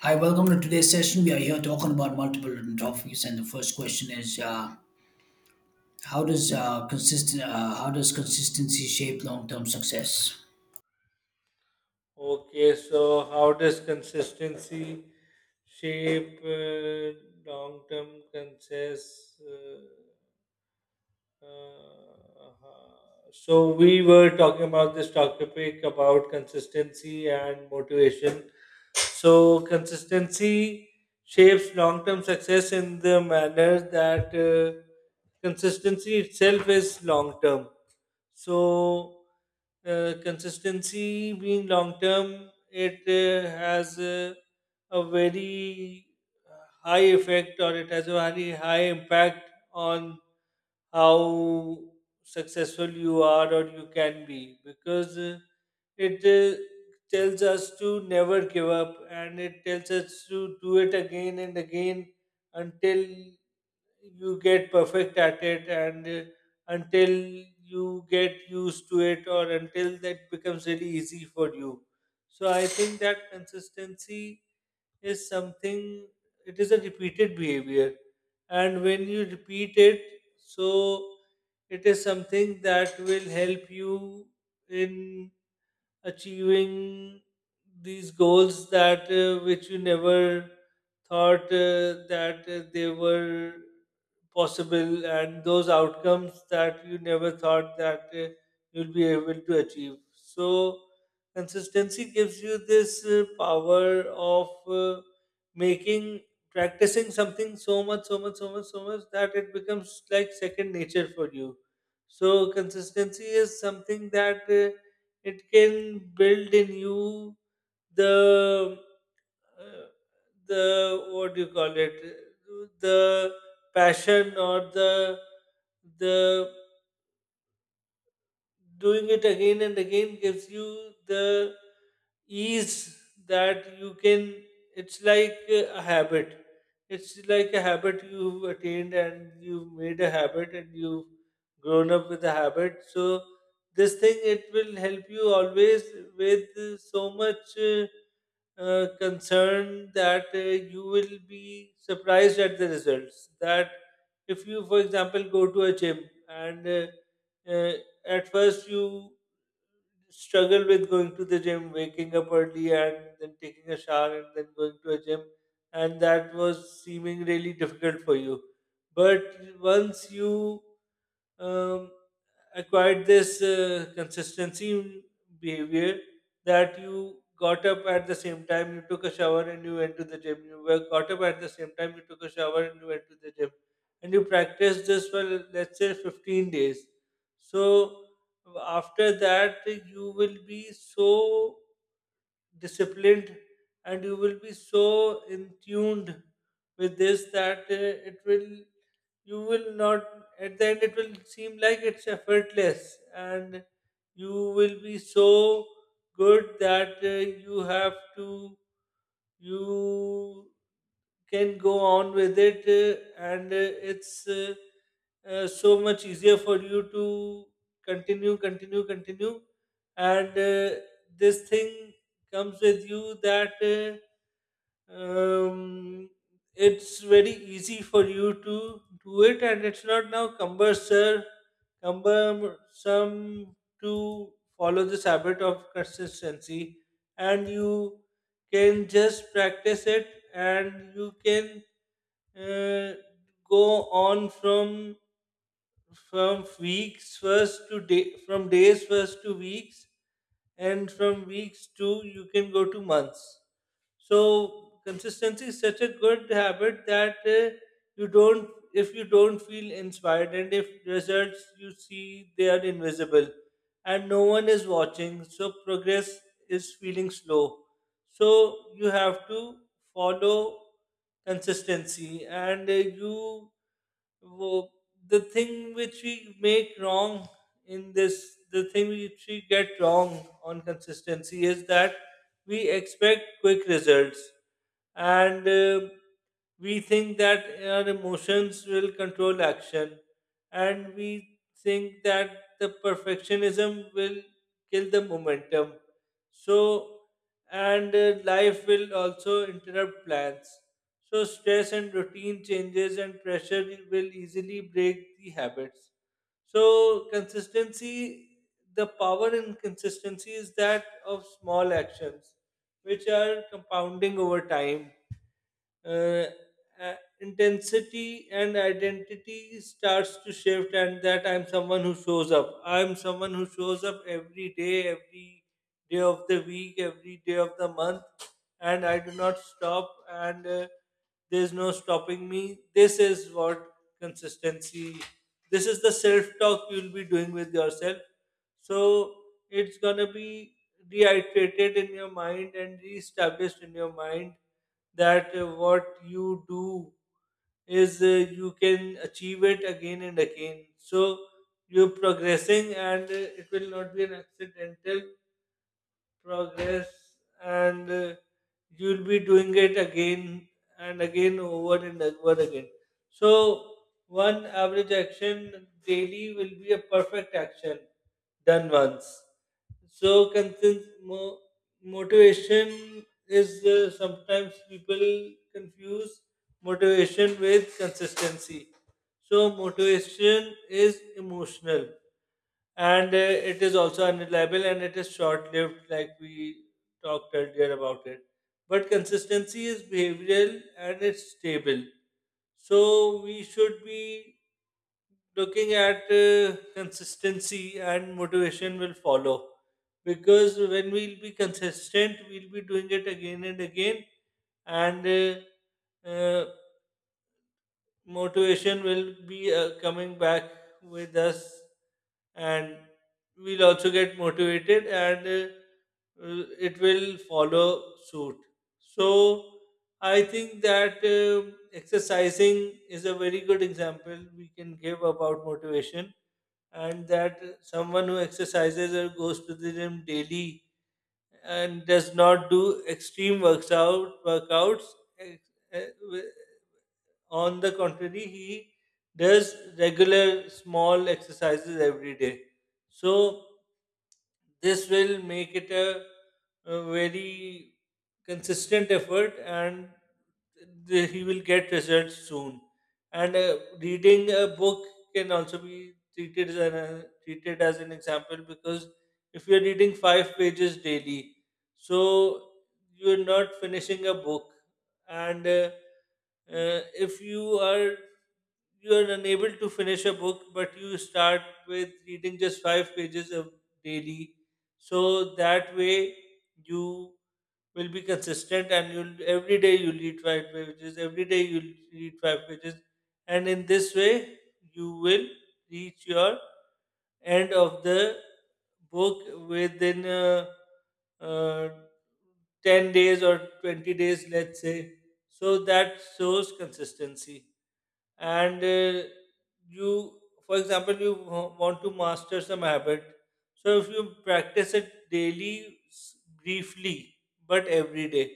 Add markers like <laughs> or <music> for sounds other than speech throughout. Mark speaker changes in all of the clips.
Speaker 1: Hi, welcome to today's session. We are here talking about multiple different topics, and the first question is, how does consistent how does consistency shape long term success?
Speaker 2: Okay, so how does consistency shape long-term consist? So we were talking about this topic about consistency and motivation. So consistency shapes long-term success in the manner that consistency itself is long-term. So, consistency being long term, it has a very high effect, or it has a very high impact on how successful you are or you can be because it tells us to never give up, and it tells us to do it again and again until you get perfect at it, and until you get used to it, or until that becomes really easy for you. So I think that consistency is something. It is a repeated behavior, and when you repeat it, so it is something that will help you in achieving these goals that which you never thought that they were possible, and those outcomes that you never thought that you'll be able to achieve. So consistency gives you this power of making, practicing something so much, so much, so much, so much that it becomes like second nature for you. So consistency is something that it can build in you the uh, the what do you call it, the passion, or the doing it again and again gives you the ease that you can, it's like a habit. It's like a habit you've attained, and you've made a habit, and you've grown up with a habit. So this thing, it will help you always with so much uh, concern that you will be surprised at the results. That if you, for example, go to a gym, and uh, at first you struggle with going to the gym, waking up early and then taking a shower and then going to a gym, and that was seeming really difficult for you. But once you um, acquired this consistency in behavior, that you got up at the same time, you took a shower, and you went to the gym. You were got up at the same time, you took a shower, and you went to the gym. And you practiced this for, let's say, 15 days. So after that, you will be so disciplined, and you will be so in tuned with this that it will you will not, at the end it will seem like it's effortless, and you will be so good that you have to, you can go on with it, and it's so much easier for you to continue, continue, continue. And this thing comes with you that um, it's very easy for you to do it, and it's not now cumbersome to follow this habit of consistency. And you can just practice it, and you can uh, go on from weeks first to day, from days first to weeks, and from weeks to, you can go to months. So consistency is such a good habit that you don't, if you don't feel inspired, and if results you see, they are invisible, and no one is watching, so progress is feeling slow, so you have to follow consistency. And you wo- the thing which we make wrong in this, the thing which we get wrong on consistency is that we expect quick results, and we think that our emotions will control action, and we think that the perfectionism will kill the momentum. So, and uh, life will also interrupt plans. So, stress and routine changes and pressure will easily break the habits. So, consistency, the power in consistency is that of small actions, which are compounding over time. uh, Intensity and identity starts to shift, and that I'm someone who shows up, I'm someone who shows up every day, every day of the week, every day of the month, and I do not stop. And there's no stopping me. This is what consistency, this is the self talk you'll be doing with yourself. So it's gonna be reiterated in your mind and reestablished in your mind that what you do is, you can achieve it again and again. So you're progressing, and it will not be an accidental progress, and you'll be doing it again and again, over and over again. So one average action daily will be a perfect action done once. So motivation is, sometimes people confuse motivation with consistency. So motivation is emotional, and it is also unreliable, and it is short lived, like we talked earlier about it. But consistency is behavioral, and it's stable. So we should be looking at consistency, and motivation will follow, because when we'll be consistent, we'll be doing it again and again. And uh, uh, motivation will be coming back with us, and we'll also get motivated, and it will follow suit. So I think that exercising is a very good example we can give about motivation, and that someone who exercises or goes to the gym daily, and does not do extreme works out workouts, eh, eh, on the contrary, he does regular small exercises every day. So this will make it a very consistent effort, and the, he will get results soon. And reading a book can also be treated as an example, because if you're reading five pages daily, so you're not finishing a book, and if you are, you are unable to finish a book, but you start with reading just five pages a daily. So that way you will be consistent, and you'll, every day you'll read five pages, every day you'll read five pages, and in this way you will reach your end of the book within uh, 10 days or 20 days, let's say. So that shows consistency. And you, for example, you want to master some habit, so if you practice it daily, briefly, but every day,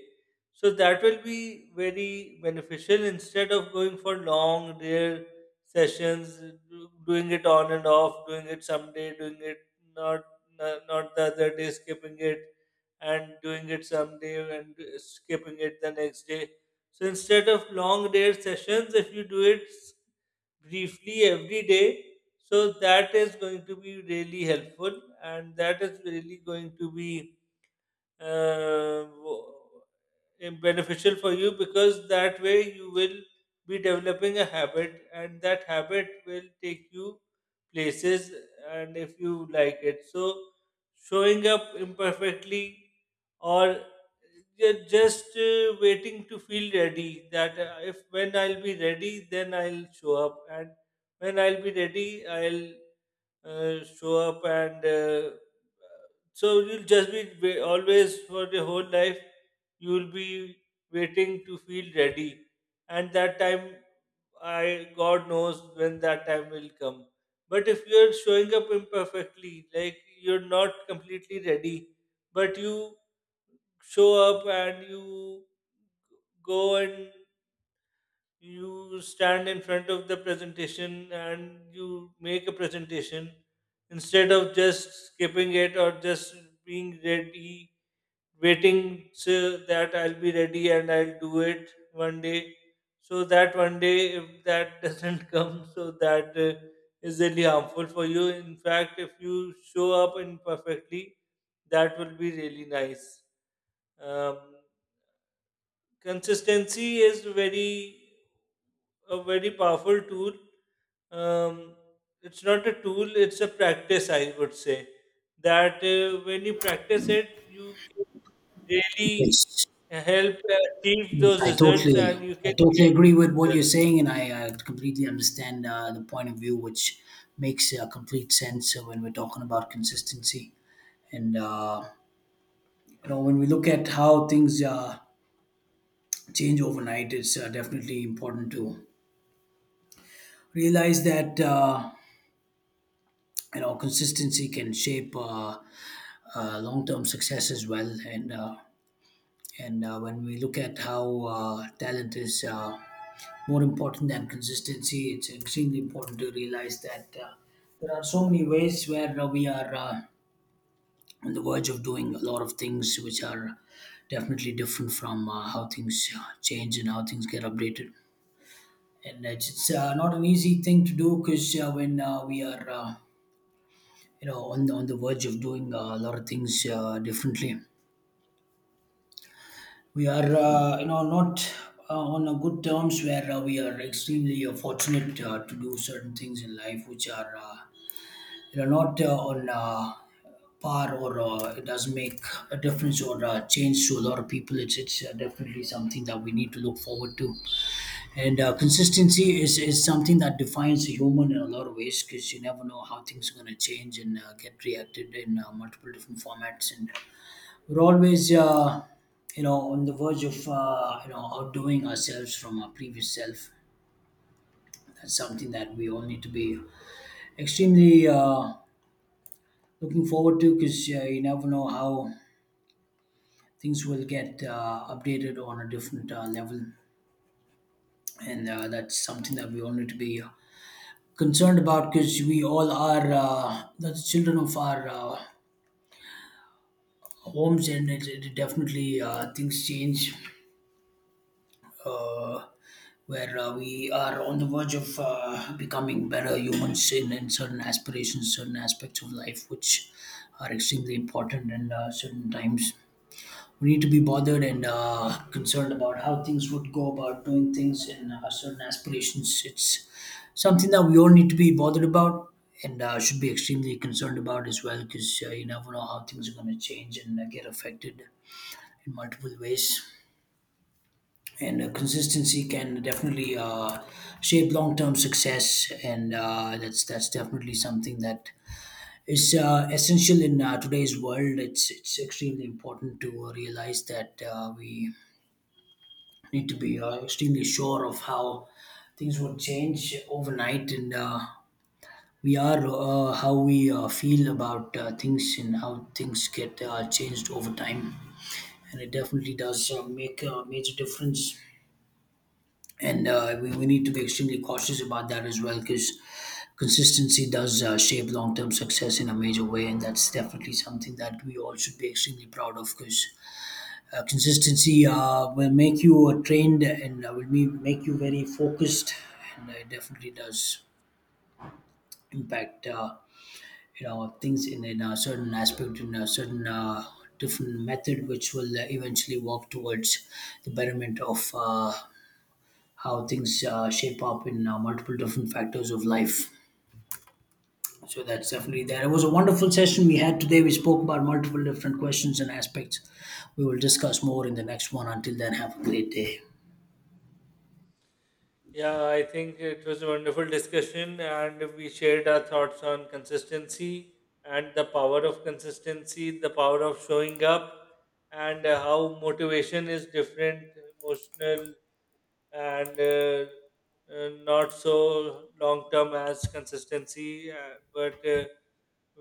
Speaker 2: so that will be very beneficial instead of going for long rare sessions, doing it on and off, doing it someday, doing it not, not the other day, skipping it and doing it someday and skipping it the next day. So instead of long day sessions, if you do it briefly every day, so that is going to be really helpful, and that is really going to be uh, wo- beneficial for you, because that way you will be developing a habit, and that habit will take you places, and if you like it. So showing up imperfectly, or just waiting to feel ready, that if when I'll be ready, then I'll show up, and when I'll be ready, I'll show up. And so you'll just be always for the whole life, you'll be waiting to feel ready, and that time, I God knows when that time will come. But if you're showing up imperfectly, like you're not completely ready, but you show up, and you go, and you stand in front of the presentation, and you make a presentation instead of just skipping it, or just being ready, waiting so that I'll be ready and I'll do it one day. So that one day, if that <laughs> doesn't come, so that is really harmful for you. In fact, if you show up imperfectly, that will be really nice. Um, Consistency is very, a very powerful tool. Um, it's not a tool; it's a practice. I would say that when you practice it, you really
Speaker 1: Yes,
Speaker 2: help achieve
Speaker 1: yes,
Speaker 2: those
Speaker 1: I
Speaker 2: results,
Speaker 1: totally,
Speaker 2: and you
Speaker 1: I
Speaker 2: can
Speaker 1: totally
Speaker 2: get
Speaker 1: agree with
Speaker 2: those
Speaker 1: what you're
Speaker 2: results.
Speaker 1: saying, and I completely understand the point of view, which makes complete sense when we're talking about consistency. And you know, when we look at how things change overnight, it's definitely important to realize that. You know, consistency can shape long-term success as well, and when we look at how talent is more important than consistency, it's extremely important to realize that there are so many ways where we are on the verge of doing a lot of things which are definitely different from how things change and how things get updated, and it's not an easy thing to do because when we are you know, on the verge of doing a lot of things differently. We are you know, not on a good terms, where we are extremely fortunate to do certain things in life which are you know, not on par, or it does make a difference or change to a lot of people. It's definitely something that we need to look forward to. And is something that defines a human in a lot of ways, because you never know how things are going to change and get reacted in multiple different formats. And we're always, you know, on the verge of, you know, outdoing ourselves from our previous self. That's something that we all need to be extremely looking forward to, because you never know how things will get updated on a different level. And that's something that we all need to be concerned about, because we all are the children of our homes, and it definitely things change, uh, where we are on the verge of becoming better humans in certain aspirations, certain aspects of life, which are extremely important in certain times. We need to be bothered and concerned about how things would go about doing things in certain aspirations. It's something that we all need to be bothered about, and should be extremely concerned about as well, because you never know how things are going to change and get affected in multiple ways. And consistency can definitely shape long-term success, and that's definitely something that is essential in today's world. It's extremely important to realize that we need to be extremely sure of how things would change overnight, and we are how we feel about things and how things get changed over time, and it definitely does make a major difference. And we need to be extremely cautious about that as well, because consistency does shape long-term success in a major way, and that's definitely something that we all should be extremely proud of. Because consistency will make you trained, and make you very focused, and it definitely does impact you know, things in a certain aspect, in a certain different method, which will eventually work towards the betterment of how things shape up in multiple different factors of life. So that's definitely there. It was a wonderful session we had today. We spoke about multiple different questions and aspects. We will discuss more in the next one. Until then, have a great day.
Speaker 2: Yeah, I think it was a wonderful discussion, and we shared our thoughts on consistency and the power of consistency, the power of showing up, and how motivation is different, emotional, and not so long term as consistency, but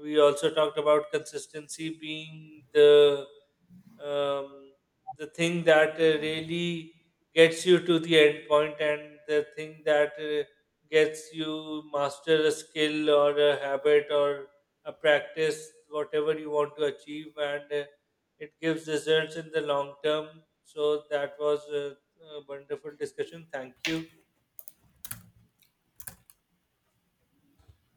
Speaker 2: we also talked about consistency being um, the thing that really gets you to the end point, and the thing that gets you master a skill or a habit or a practice, whatever you want to achieve. And it gives results in the long term. So that was a wonderful discussion. Thank you.